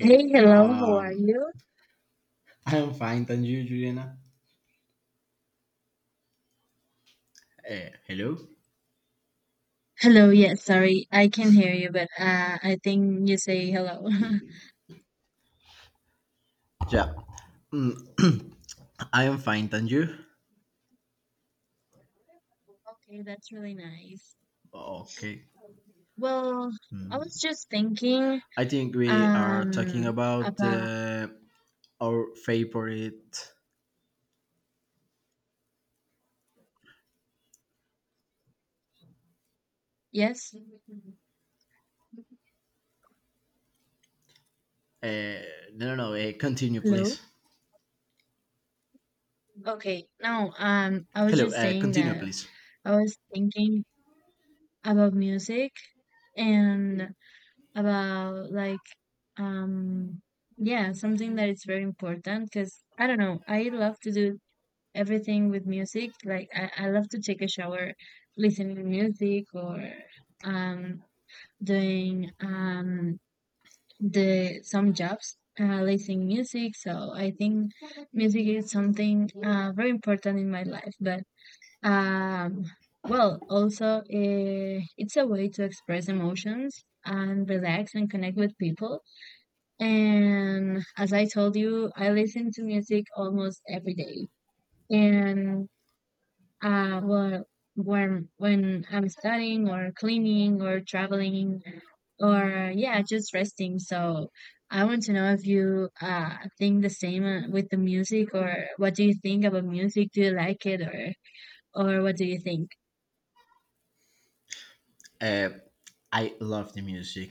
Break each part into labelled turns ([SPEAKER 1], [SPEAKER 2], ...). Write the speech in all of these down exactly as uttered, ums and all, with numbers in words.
[SPEAKER 1] Hey, hello, how are
[SPEAKER 2] Um,
[SPEAKER 1] you?
[SPEAKER 2] I'm fine, thank you, Juliana. Eh, hello.
[SPEAKER 1] Hello, yes, sorry, I can hear you, but uh, I think you say hello.
[SPEAKER 2] Yeah. Mm, I am fine, thank you.
[SPEAKER 1] Okay, that's really nice.
[SPEAKER 2] Okay.
[SPEAKER 1] Well, I was just thinking
[SPEAKER 2] I think we are talking
[SPEAKER 1] um
[SPEAKER 2] about
[SPEAKER 1] about
[SPEAKER 2] uh, our favorite.
[SPEAKER 1] yes.
[SPEAKER 2] Uh, no, no, no. Uh, continue,
[SPEAKER 1] Hello.
[SPEAKER 2] please.
[SPEAKER 1] Okay. No, um I was
[SPEAKER 2] Hello.
[SPEAKER 1] just
[SPEAKER 2] Uh,
[SPEAKER 1] saying
[SPEAKER 2] continue,
[SPEAKER 1] that
[SPEAKER 2] please.
[SPEAKER 1] I was thinking about music and about like um yeah, something that is very important because I don't know, I love to do everything with music. Like I, I love to take a shower listening to music or um doing um the some jobs uh, listening music. So I think music is something uh, very important in my life. But um well also uh, it's a way to express emotions and relax and connect with people. And as I told you, I listen to music almost every day. And uh, well, when when I'm studying or cleaning or traveling or yeah, just resting. So I want to know if you uh think the same uh, with the music or what do you think about music? Do you like it or or what do you think?
[SPEAKER 2] Uh, I love the music.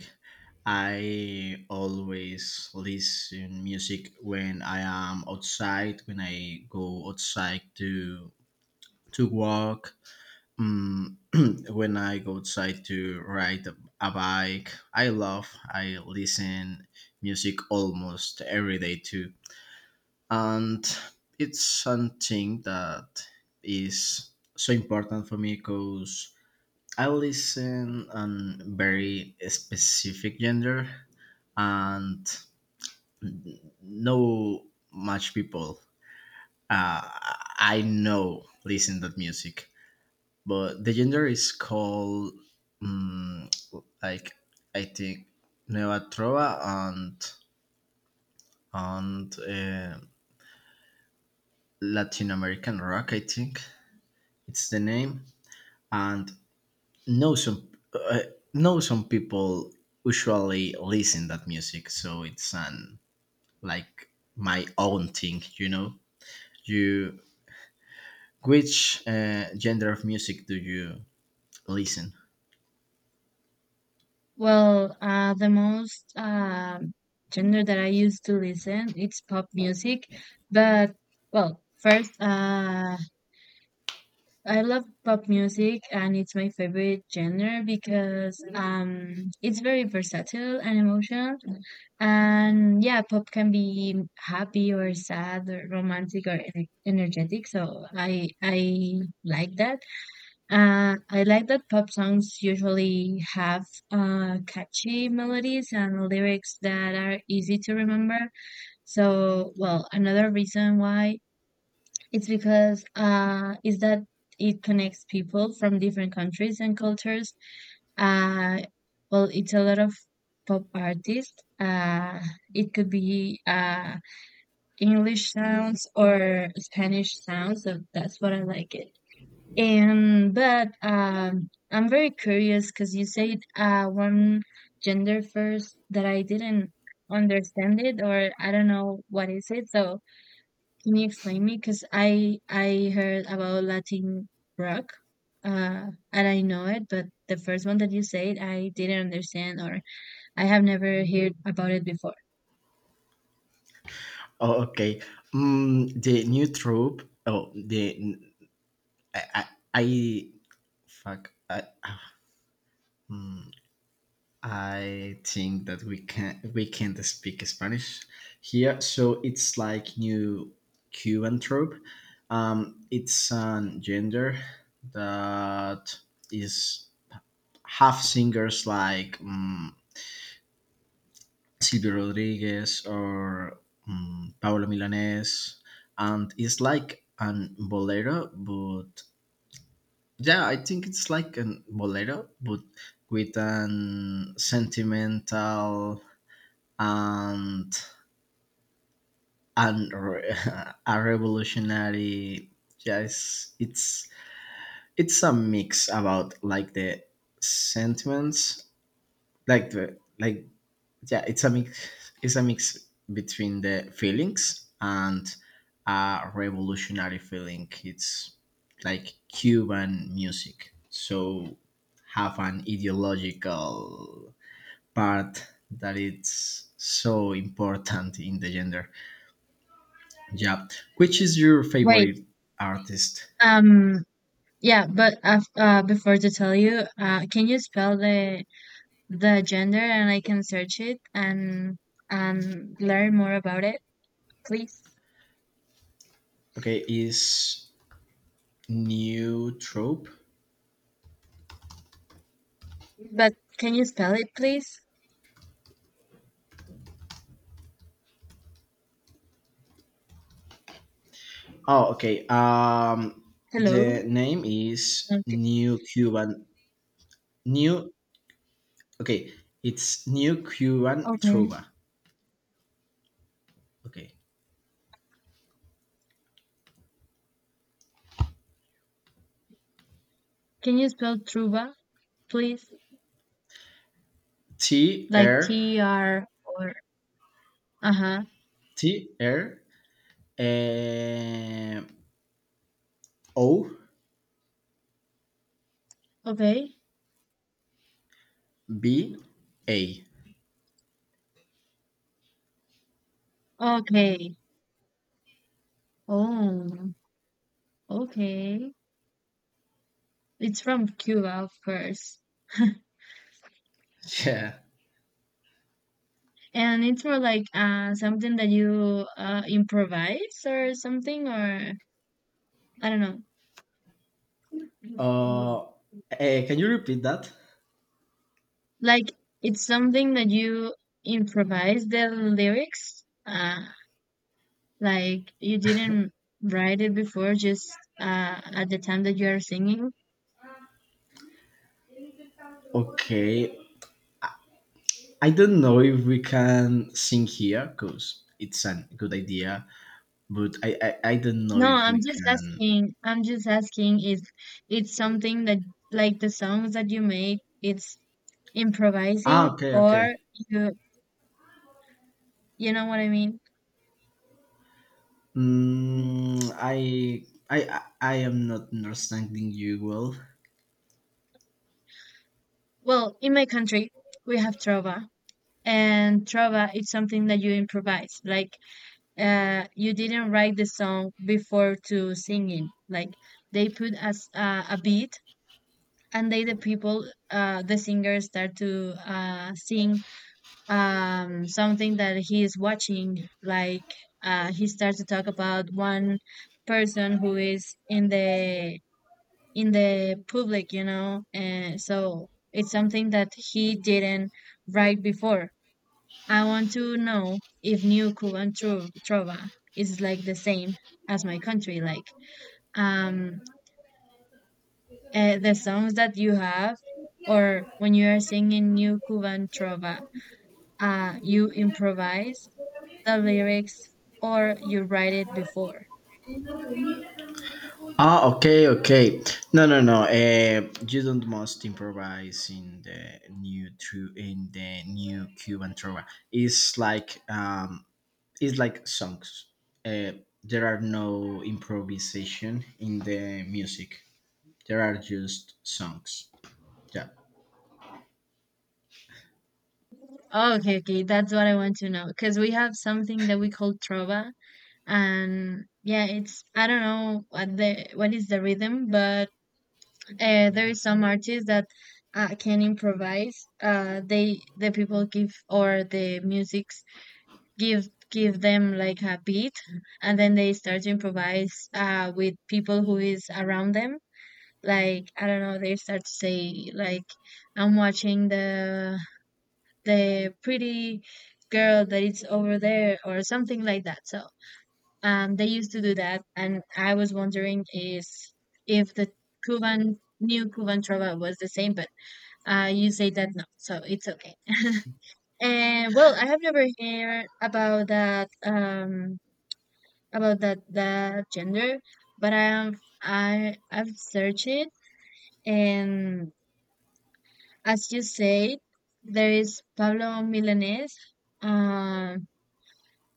[SPEAKER 2] I always listen music when I am outside, when I go outside to to walk. Mm, when I go outside to ride a a bike, I love, I listen music almost every day too. And it's something that is so important for me because I listen on very specific gender and no much people uh, I know listen that music, but the gender is called um, like I think Nueva Trova and and uh, Latin American rock. I think it's the name. And know some uh, know some people usually listen that music, so it's an like my own thing. You know, you which uh, gender of music do you listen?
[SPEAKER 1] Well, uh, the most um genre that I used to listen it's pop music, but well, first uh I love pop music and it's my favorite genre because um it's very versatile and emotional. And yeah, pop can be happy or sad or romantic or ener- energetic. So I I like that. Uh, I like that pop songs usually have uh, catchy melodies and lyrics that are easy to remember. So well, another reason why it's because uh, is that it connects people from different countries and cultures. Uh, well, it's a lot of pop artists. Uh, it could be uh, English sounds or Spanish sounds, so that's what I like it. And but um, I'm very curious because you said uh, one gender first that I didn't understand it or I don't know what is it. So can you explain me? Because I I heard about Latin rock, uh, and I know it, but the first one that you said, I didn't understand, or I have never heard about it before.
[SPEAKER 2] Oh, okay. Mm, the new troupe. Oh, the I, I I fuck. I, hmm, I think that we can we can't speak Spanish here, so it's like new Cuban trope. Um, it's a gender that is half singers like um, Silvio Rodriguez or um, Paolo Milanés, and it's like an bolero. But Yeah, I think it's like an bolero, but with an sentimental and and re- a revolutionary. Yes, it's it's a mix about like the sentiments, like the like, yeah, it's a mix it's a mix between the feelings and a revolutionary feeling. It's like Cuban music, so have an ideological part that it's so important in the gender. Yeah. Which is your
[SPEAKER 1] Wait,
[SPEAKER 2] favorite artist?
[SPEAKER 1] um, yeah, but uh, uh before to tell you, uh, can you spell the the gender, and I can search it and and learn more about it, please?
[SPEAKER 2] Okay, is new trope.
[SPEAKER 1] But can you spell it, please?
[SPEAKER 2] Oh, okay, um
[SPEAKER 1] Hello.
[SPEAKER 2] the name is
[SPEAKER 1] Okay.
[SPEAKER 2] new Cuban. New Okay, it's New Cuban
[SPEAKER 1] Okay.
[SPEAKER 2] Truba. Okay,
[SPEAKER 1] Can you spell Truba, please?
[SPEAKER 2] T
[SPEAKER 1] Like
[SPEAKER 2] R
[SPEAKER 1] T R or uh-huh.
[SPEAKER 2] T R um, O
[SPEAKER 1] Okay.
[SPEAKER 2] B A.
[SPEAKER 1] Okay. Oh, okay. It's from Cuba, of course.
[SPEAKER 2] Yeah.
[SPEAKER 1] And it's more like uh something that you uh improvise or something or I don't know.
[SPEAKER 2] Uh, eh, can you repeat that?
[SPEAKER 1] Like it's something that you improvise the lyrics. Uh like you didn't write it before just uh at the time that you are singing.
[SPEAKER 2] Okay. I I don't know if we can sing here because it's a good idea, but I, I I don't know
[SPEAKER 1] No,
[SPEAKER 2] if
[SPEAKER 1] I'm
[SPEAKER 2] we
[SPEAKER 1] just
[SPEAKER 2] can.
[SPEAKER 1] asking. I'm just asking if it's something that, like the songs that you make, it's
[SPEAKER 2] Ah,
[SPEAKER 1] improvising
[SPEAKER 2] okay,
[SPEAKER 1] or
[SPEAKER 2] okay.
[SPEAKER 1] you, you know what I mean? Mm.
[SPEAKER 2] Mm, I I I I am not understanding you well.
[SPEAKER 1] Well, in my country, we have trova, and trova is something that you improvise. Like, uh, you didn't write the song before to singing. Like, they put as uh, a beat, and they the people, uh, the singers start to uh, sing um something that he is watching like uh he starts to talk about one person who is in the in the public you know and so it's something that he didn't write before. I want to know if new Cuban tro- trova is like the same as my country, like um uh, the songs that you have or when you are singing new Cuban trova, uh, you improvise the lyrics or you write it before.
[SPEAKER 2] Ah, okay, okay. No, no, no. Uh, you don't must improvise in the new tru- in the new Cuban trova. It's like um, it's like songs. Uh, there are no improvisation in the music. There are just songs. Yeah,
[SPEAKER 1] Oh, okay, okay, that's what I want to know because we have something that we call trova, and yeah, it's I don't know what the what is the rhythm, but uh, there is some artists that uh, can improvise. Uh, they the people give or the musics give give them like a beat, and then they start to improvise uh, with people who is around them like I don't know, they start to say like I'm watching the the pretty girl that is over there or something like that. So um they used to do that and I was wondering is if the Cuban new Cuban trova was the same, but uh you say that no, so it's okay. And well, I have never heard about that um about that that gender, but I am I I've searched it and as you said, there is Pablo Milanés, um,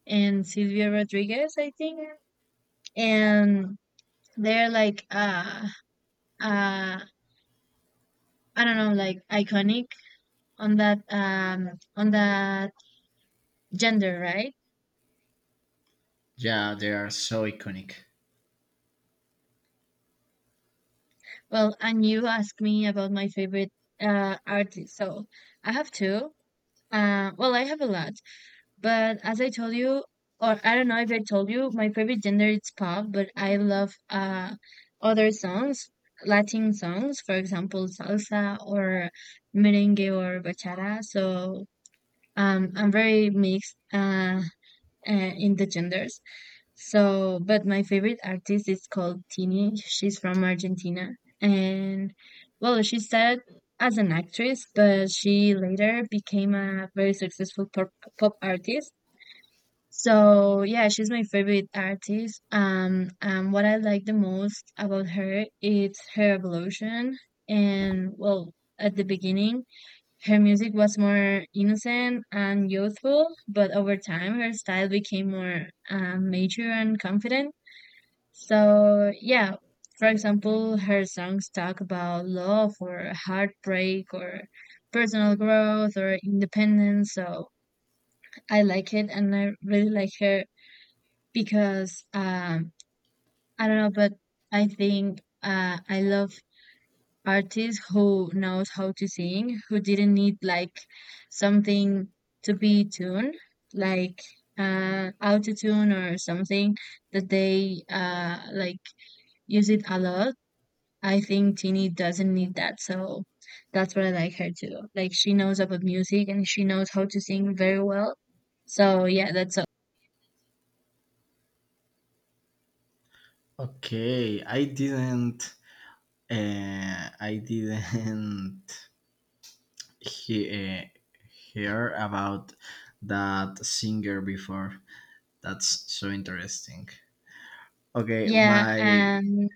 [SPEAKER 1] and Silvio Rodriguez, I think, and they're like uh, uh, I don't know, like iconic on that um, on that gender, right?
[SPEAKER 2] yeah. They are so iconic.
[SPEAKER 1] Well, and you asked me about my favorite uh, artist, so I have two. Uh, well, I have a lot, but as I told you, or I don't know if I told you, my favorite gender is pop, but I love uh other songs, Latin songs, for example, salsa or merengue or bachata. So um, I'm very mixed uh, uh in the genders. So, but my favorite artist is called Tini. She's from Argentina, and well, she started as an actress, but she later became a very successful pop, pop artist, so yeah, she's my favorite artist. Um, and what I like the most about her is her evolution. And well, at the beginning, her music was more innocent and youthful, but over time, her style became more um, mature and confident. So yeah, for example, her songs talk about love or heartbreak or personal growth or independence. So I like it, and I really like her because um, I don't know, but I think uh, I love artists who knows how to sing, who didn't need like something to be tuned, like uh, auto tune or something that they uh, like use it a lot. I think Tini doesn't need that, so that's what I like her to do. Like she knows about music and she knows how to sing very well. So yeah, that's all.
[SPEAKER 2] Okay, I didn't. Uh, I didn't he uh, hear about that singer before. That's so interesting. Okay,
[SPEAKER 1] Yeah,
[SPEAKER 2] my
[SPEAKER 1] and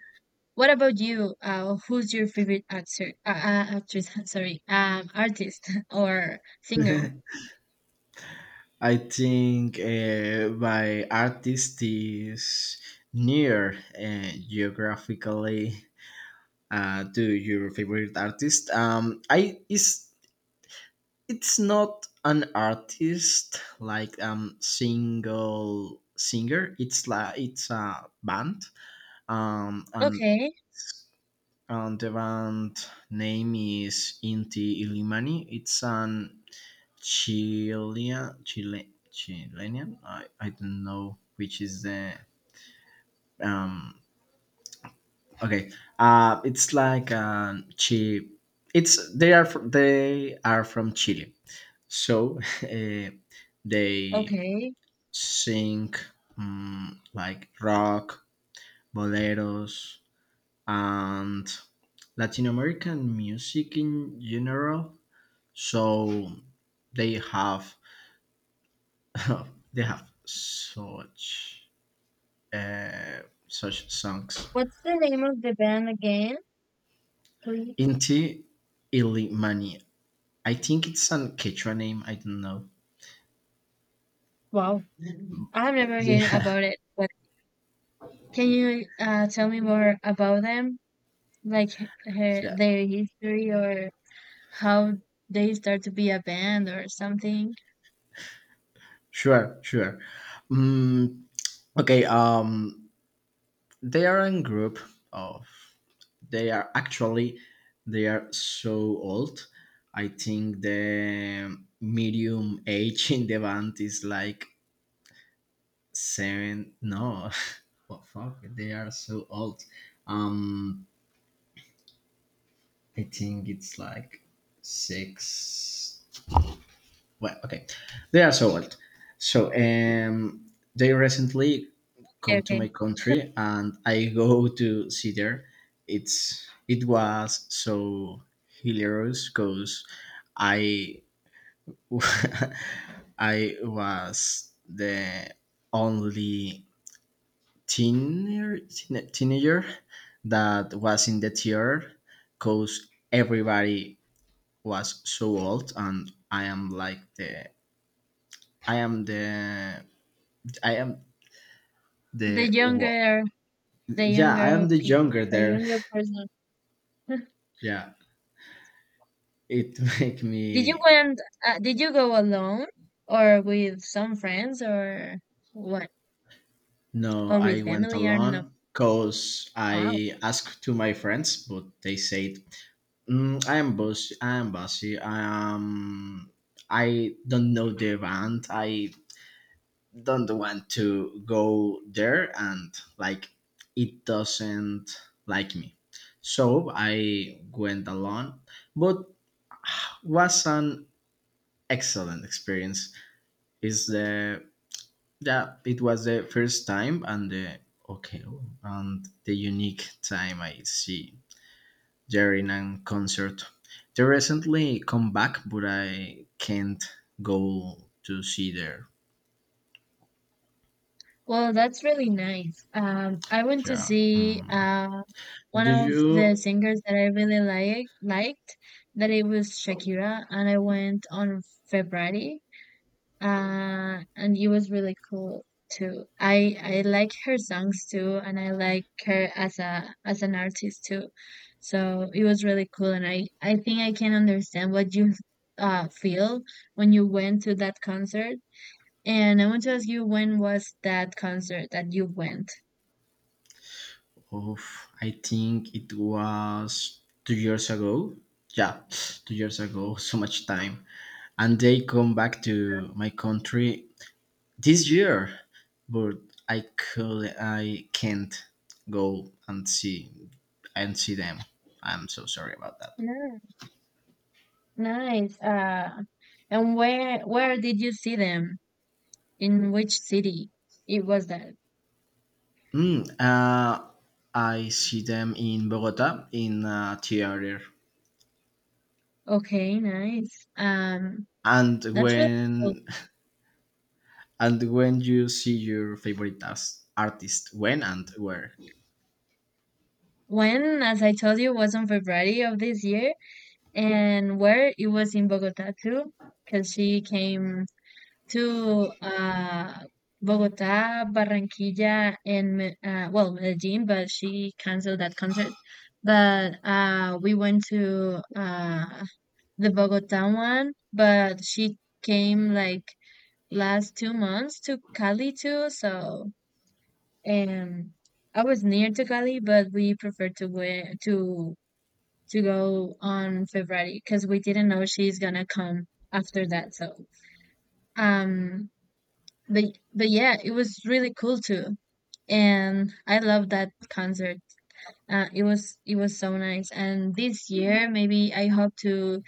[SPEAKER 1] what about you? Uh, who's your favorite actor? Uh, uh, actress? Sorry, um, artist or singer?
[SPEAKER 2] I think uh, my artist is near uh, geographically uh, to your favorite artist. Um, I is It's not an artist like um single singer. It's like it's a band. Um, and
[SPEAKER 1] Okay,
[SPEAKER 2] and the band name is Inti Illimani. It's an Chilean, Chile, Chilean. I, I don't know which is the um. Okay, uh, it's like um, chi. It's They are fr- they are from Chile, so uh, they
[SPEAKER 1] okay.
[SPEAKER 2] sing um, like rock, boleros, and Latin American music in general. So they have they have such uh, such songs.
[SPEAKER 1] What's the name of the band again, please?
[SPEAKER 2] Inti Ilimani. I think it's an Quechua name. I don't know.
[SPEAKER 1] Wow, I have never heard
[SPEAKER 2] Yeah.
[SPEAKER 1] about it. But can you uh, tell me more about them, like h- her,
[SPEAKER 2] Yeah,
[SPEAKER 1] their history or how they start to be a band or something?
[SPEAKER 2] sure, sure. Um. Okay, um they are a group of. They are actually they are so old. I think the medium age in the band is like seven? No, what fuck? They are so old. Um, I think it's like six. Well, okay, they are so old. So um, they recently
[SPEAKER 1] Okay,
[SPEAKER 2] come to
[SPEAKER 1] okay.
[SPEAKER 2] my country, and I go to see there. It's it was so hilarious because I I was the only teenager, teen- teenager that was in the theater because everybody was so old, and I am like the, I am the, I am
[SPEAKER 1] The
[SPEAKER 2] the wa-
[SPEAKER 1] younger, the
[SPEAKER 2] Yeah, I
[SPEAKER 1] younger
[SPEAKER 2] am the
[SPEAKER 1] people,
[SPEAKER 2] younger
[SPEAKER 1] the
[SPEAKER 2] there.
[SPEAKER 1] younger person.
[SPEAKER 2] Yeah, it make
[SPEAKER 1] Did you
[SPEAKER 2] me.
[SPEAKER 1] went? Uh, did you go alone or with some friends or what?
[SPEAKER 2] No,
[SPEAKER 1] Or
[SPEAKER 2] I
[SPEAKER 1] with
[SPEAKER 2] went
[SPEAKER 1] family? I don't know.
[SPEAKER 2] alone because
[SPEAKER 1] Wow.
[SPEAKER 2] I asked to my friends, but they said, mm, I am bossy, I am bossy, I am. I don't know the band. I don't want to go there, and like it doesn't like me. So I went alone, but was an excellent experience. Is the, yeah, it was the first time and the, okay, and the unique time I see during a concert. They recently come back, but I can't go to see there.
[SPEAKER 1] Well, that's really nice. Um, I went to
[SPEAKER 2] Yeah.
[SPEAKER 1] see
[SPEAKER 2] mm.
[SPEAKER 1] uh one
[SPEAKER 2] Do
[SPEAKER 1] of the
[SPEAKER 2] you?
[SPEAKER 1] singers that I really like liked. That it was Shakira, and I went on February. uh, and it was really cool too. I I like her songs too, and I like her as a as an artist too. So it was really cool, and I I think I can understand what you uh feel when you went to that concert. And I want to ask you, when was that concert that you went?
[SPEAKER 2] Oof, I think it was two years ago. Yeah, two years ago, so much time. And they come back to my country this year, but I could, I can't go and see and see them. I'm so sorry about that.
[SPEAKER 1] Yeah. Nice. Uh, and where where did you see them? In which city? It was that.
[SPEAKER 2] Mm, uh, I see them in Bogota in a theater.
[SPEAKER 1] Okay, nice. Um,
[SPEAKER 2] And
[SPEAKER 1] that's really cool.
[SPEAKER 2] when and when you see your favorite as- artist, when and where?
[SPEAKER 1] When, as I told you, was on February of this year, and where it was in Bogota too, because she came to uh, Bogota, Barranquilla, and Me- uh, well, Medellin, but she canceled that concert. But uh, we went to uh, the Bogota one, but she came like last two months to Cali too, so um. I was near to Cali, but we preferred to go to to go on February because we didn't know she's gonna come after that. So, um, but but yeah, it was really cool too, and I love that concert. Uh, it was it was so nice. And this year, maybe I hope to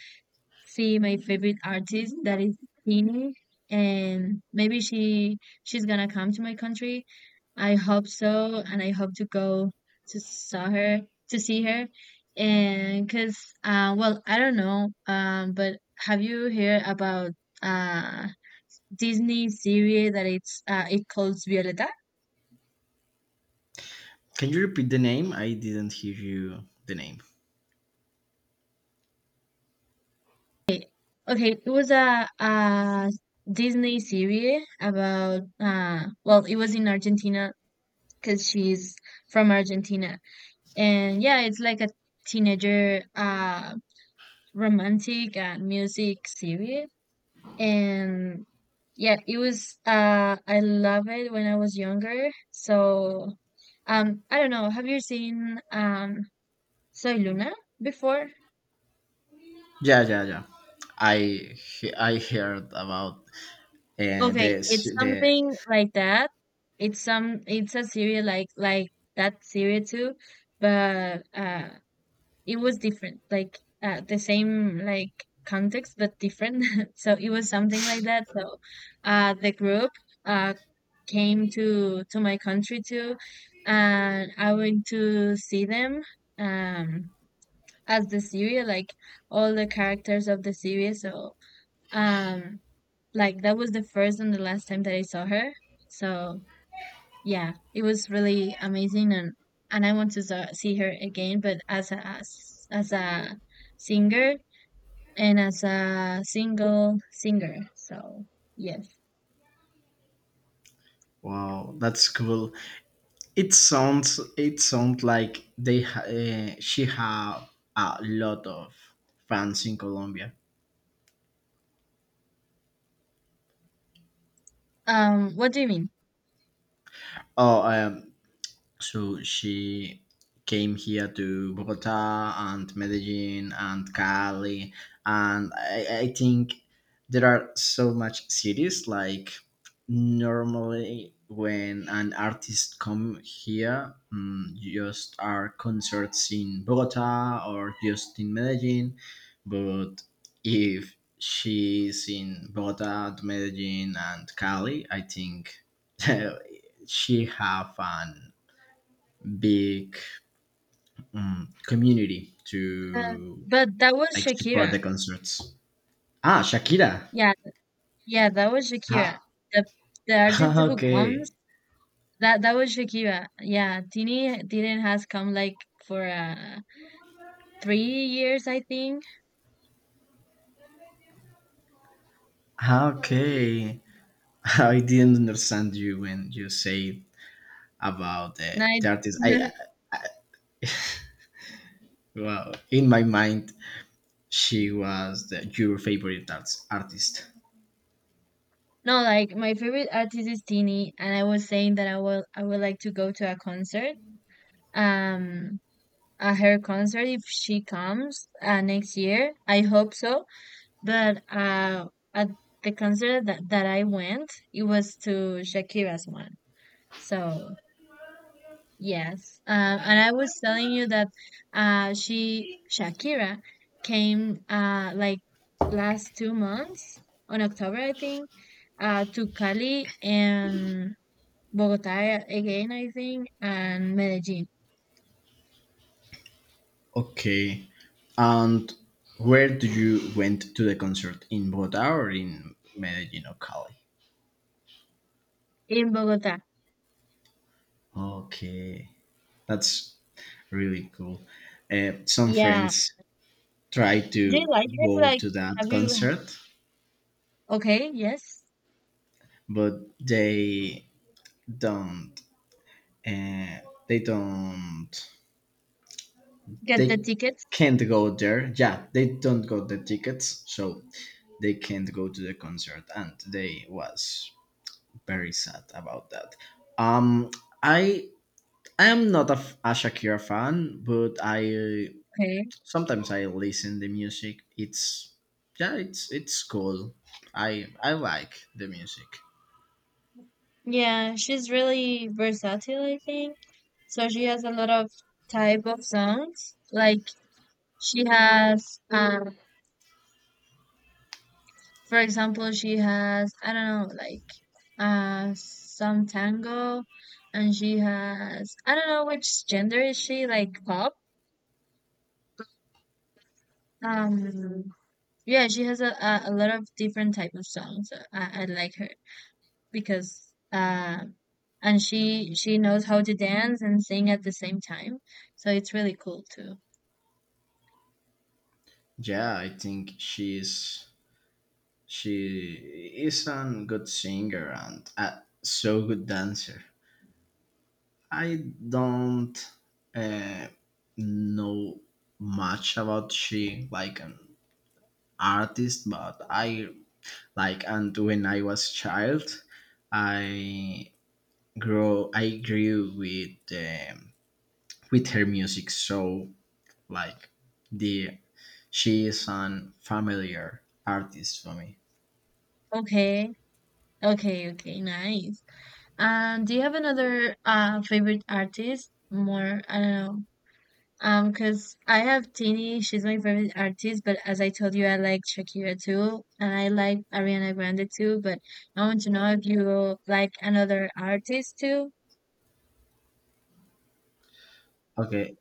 [SPEAKER 1] see my favorite artist that is Tini and maybe she she's gonna come to my country. I hope so and I hope to go to saw her to see her, and cuz uh well I don't know um but have you heard about uh Disney series that it's uh it calls Violeta?
[SPEAKER 2] Can you repeat the name? I didn't hear you. The name.
[SPEAKER 1] Okay, okay, it was a, a Disney series about uh well, it was in Argentina because she's from Argentina. And yeah, it's like a teenager uh romantic and music series. And yeah, it was uh I love it when I was younger. So um I don't know, have you seen um Soy Luna before?
[SPEAKER 2] Yeah, yeah, yeah. I he- I heard about uh,
[SPEAKER 1] Okay,
[SPEAKER 2] the s-
[SPEAKER 1] it's
[SPEAKER 2] the.
[SPEAKER 1] something like that. It's some it's a series like like that series too, but uh it was different, like uh, the same like context but different. So it was something like that. So uh, the group uh, came to to my country too, and I went to see them, um, as the series, like all the characters of the series. So um, like that was the first and the last time that I saw her. So yeah, it was really amazing, and and I want to sa- see her again, but as a as, as a singer and as a single singer. So, yes.
[SPEAKER 2] Wow, that's cool. It sounds, it sounds like they ha- uh, she have a lot of fans in Colombia.
[SPEAKER 1] Um, what do you mean?
[SPEAKER 2] Oh, um, so she came here to Bogota and Medellin and Cali, and I, I think there are so much cities like normally when an artist come here. Mm, just are concerts in Bogota or just in Medellin, but if she's in Bogota, Medellin, and Cali, I think she have an big um, community
[SPEAKER 1] Uh,
[SPEAKER 2] to
[SPEAKER 1] but that was
[SPEAKER 2] like support
[SPEAKER 1] Shakira.
[SPEAKER 2] the concerts. Ah, Shakira.
[SPEAKER 1] Yeah, yeah, that was Shakira.
[SPEAKER 2] Ah,
[SPEAKER 1] The the artist who comes,
[SPEAKER 2] okay.
[SPEAKER 1] that that was Shakira. Yeah, Tini didn't has come like for uh three years, I think.
[SPEAKER 2] Ah, okay. I didn't understand you when you say about the,
[SPEAKER 1] Nine.
[SPEAKER 2] the artist. I, well, in my mind, she was the, your favorite arts, artist.
[SPEAKER 1] No, like my favorite artist is Tini, and I was saying that I will I would like to go to a concert. Um, a her concert if she comes uh, next year. I hope so. But uh, at the concert that, that I went, it was to Shakira's one. So yes, um, and I was telling you that uh, she Shakira came uh like last two months, on October, I think, uh to Cali and Bogota again, I think, and Medellin
[SPEAKER 2] Okay. And where do you went to the concert, in Bogota or in Medellin or Cali?
[SPEAKER 1] in Bogota.
[SPEAKER 2] Okay, that's really cool. Uh, some
[SPEAKER 1] Yeah.
[SPEAKER 2] friends try
[SPEAKER 1] Do you
[SPEAKER 2] to
[SPEAKER 1] like her?
[SPEAKER 2] go
[SPEAKER 1] Like,
[SPEAKER 2] to that
[SPEAKER 1] have you?
[SPEAKER 2] concert,
[SPEAKER 1] Okay, yes.
[SPEAKER 2] but they don't. Uh, they don't.
[SPEAKER 1] Get the
[SPEAKER 2] They
[SPEAKER 1] tickets.
[SPEAKER 2] can't go there. Yeah, they don't got the tickets, so they can't go to the concert, and they was very sad about that. Um, I I am not a, f- a Shakira fan, but I
[SPEAKER 1] Okay.
[SPEAKER 2] sometimes I listen the music. It's, yeah, it's it's cool. I I like the music.
[SPEAKER 1] Yeah, she's really versatile, I think. So she has a lot of type of songs. Like she has, um, for example, she has I don't know, like uh some tango, and she has I don't know which gender is she, like pop. Um, Yeah, she has a, a, a lot of different type of songs. I, I like her because uh, and she she knows how to dance and sing at the same time. So it's really cool too.
[SPEAKER 2] Yeah, I think she's she is a good singer and a so good dancer. I don't uh, know much about she like an artist, but I like and when I was child, I grow I grew with. Um, with her music, so like the, she is an familiar artist for me.
[SPEAKER 1] Okay. Okay, okay, nice. Um, do you have another uh favorite artist? More, I don't know. Um, because I have Tini, she's my favorite artist, but as I told you, I like Shakira too, and I like Ariana Grande too, but I want to know if you like another artist too.
[SPEAKER 2] Okay,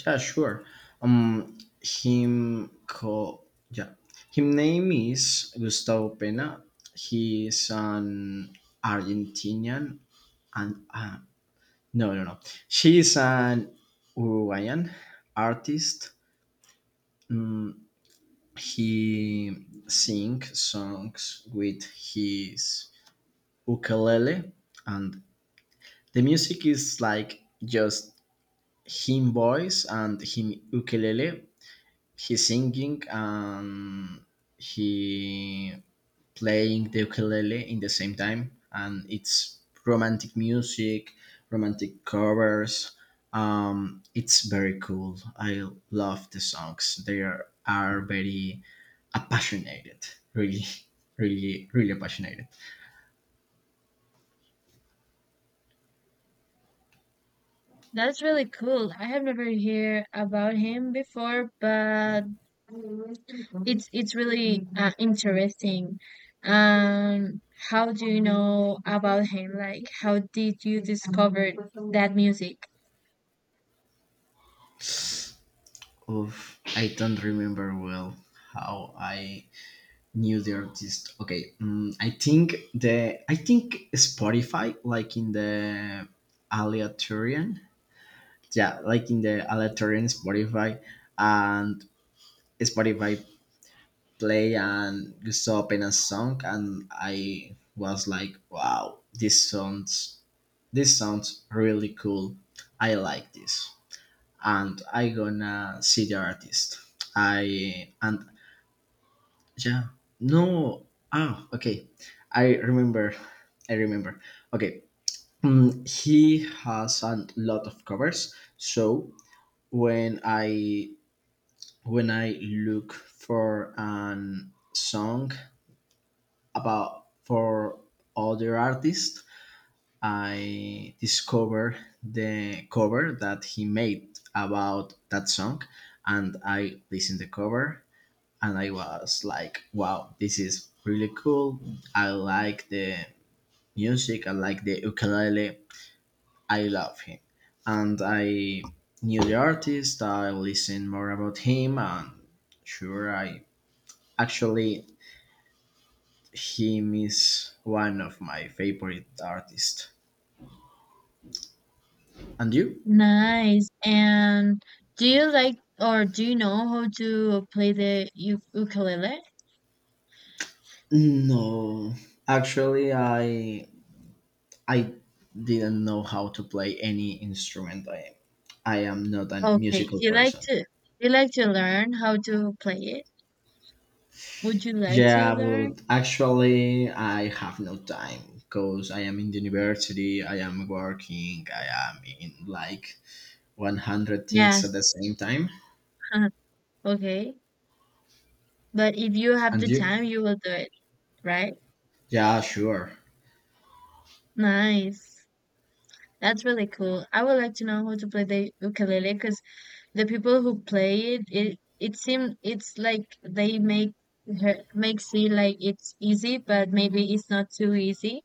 [SPEAKER 2] yeah, sure. Um him call. Yeah, his name is Gustavo Pena. He is an Argentinian and uh, no, no, no, she is an Uruguayan artist. Um, he sings songs with his ukulele. And the music is like just him voice and him ukulele. He's singing and he playing the ukulele in the same time, and it's romantic music, romantic covers. Um, it's very cool. I love the songs. They are, are very passionate, really, really, really passionate.
[SPEAKER 1] That's really cool. I have never heard about him before, but it's it's really uh, interesting. Um, how do you know about him? Like, how did you discover that music?
[SPEAKER 2] Oof, I don't remember well how I new the artist. Okay, mm, I think the, I think Spotify, like in the aleatorian, yeah, like in the aleatorian Spotify, and Spotify play and just open a song, and I was like, wow, this sounds, this sounds really cool. I like this, and I gonna see the artist. I and. Yeah. No. Ah, okay. I remember. I remember. Okay. Mm, he has a lot of covers. So when I, when I look for an song about for other artists, I discover the cover that he made about that song, and I listen the cover, and I was like, wow, this is really cool. I like the music, I like the ukulele, I love him. And I knew the artist, I listened more about him, and sure, I, actually, him is one of my favorite artists. And you?
[SPEAKER 1] Nice. And do you like or do you know how to play the u- ukulele?
[SPEAKER 2] No, actually, I I didn't know how to play any instrument. I I am not a
[SPEAKER 1] Okay. Do
[SPEAKER 2] musical
[SPEAKER 1] you like
[SPEAKER 2] person.
[SPEAKER 1] to do you like to learn how to play it? Would you like to
[SPEAKER 2] Yeah,
[SPEAKER 1] learn?
[SPEAKER 2] but actually, I have no time because I am in the university, I am working, I am in like one hundred things at the
[SPEAKER 1] Yes.
[SPEAKER 2] same time.
[SPEAKER 1] Okay. But if you have
[SPEAKER 2] And
[SPEAKER 1] the
[SPEAKER 2] you?
[SPEAKER 1] time, you will do it, right?
[SPEAKER 2] Yeah, sure.
[SPEAKER 1] Nice. That's really cool. I would like to know how to play the ukulele because the people who play it, it it seem it's like they make her makes see like it's easy, but maybe it's not too easy.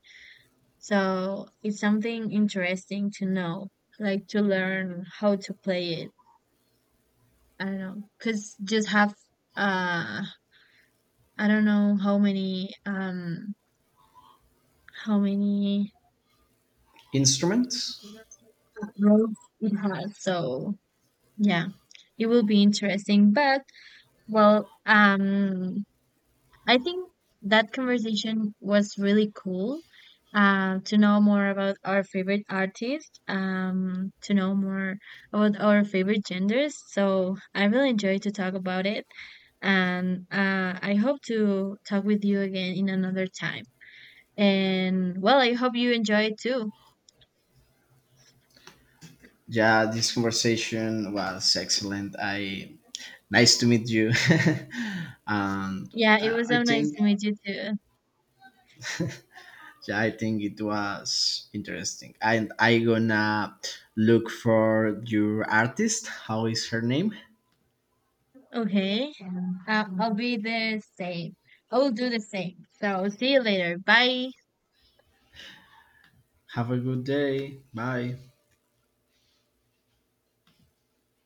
[SPEAKER 1] So it's something interesting to know, like to learn how to play it. I don't know, because just have uh I don't know how many um how many
[SPEAKER 2] Instruments?
[SPEAKER 1] growth it has. So yeah, it will be interesting. But well, um, I think that conversation was really cool. Uh, to know more about our favorite artists, um, to know more about our favorite genders. So I really enjoyed to talk about it, and uh, I hope to talk with you again in another time. And well, I hope you enjoy it too.
[SPEAKER 2] Yeah, this conversation was excellent. I nice to meet you. And
[SPEAKER 1] Yeah, it
[SPEAKER 2] uh,
[SPEAKER 1] was
[SPEAKER 2] I
[SPEAKER 1] so nice
[SPEAKER 2] think,
[SPEAKER 1] to meet you too.
[SPEAKER 2] yeah, I think it was interesting. And I gonna look for your artist. How is her name?
[SPEAKER 1] Okay. Uh, I'll be the same. I will do the same. So see you later. Bye.
[SPEAKER 2] Have a good day. Bye.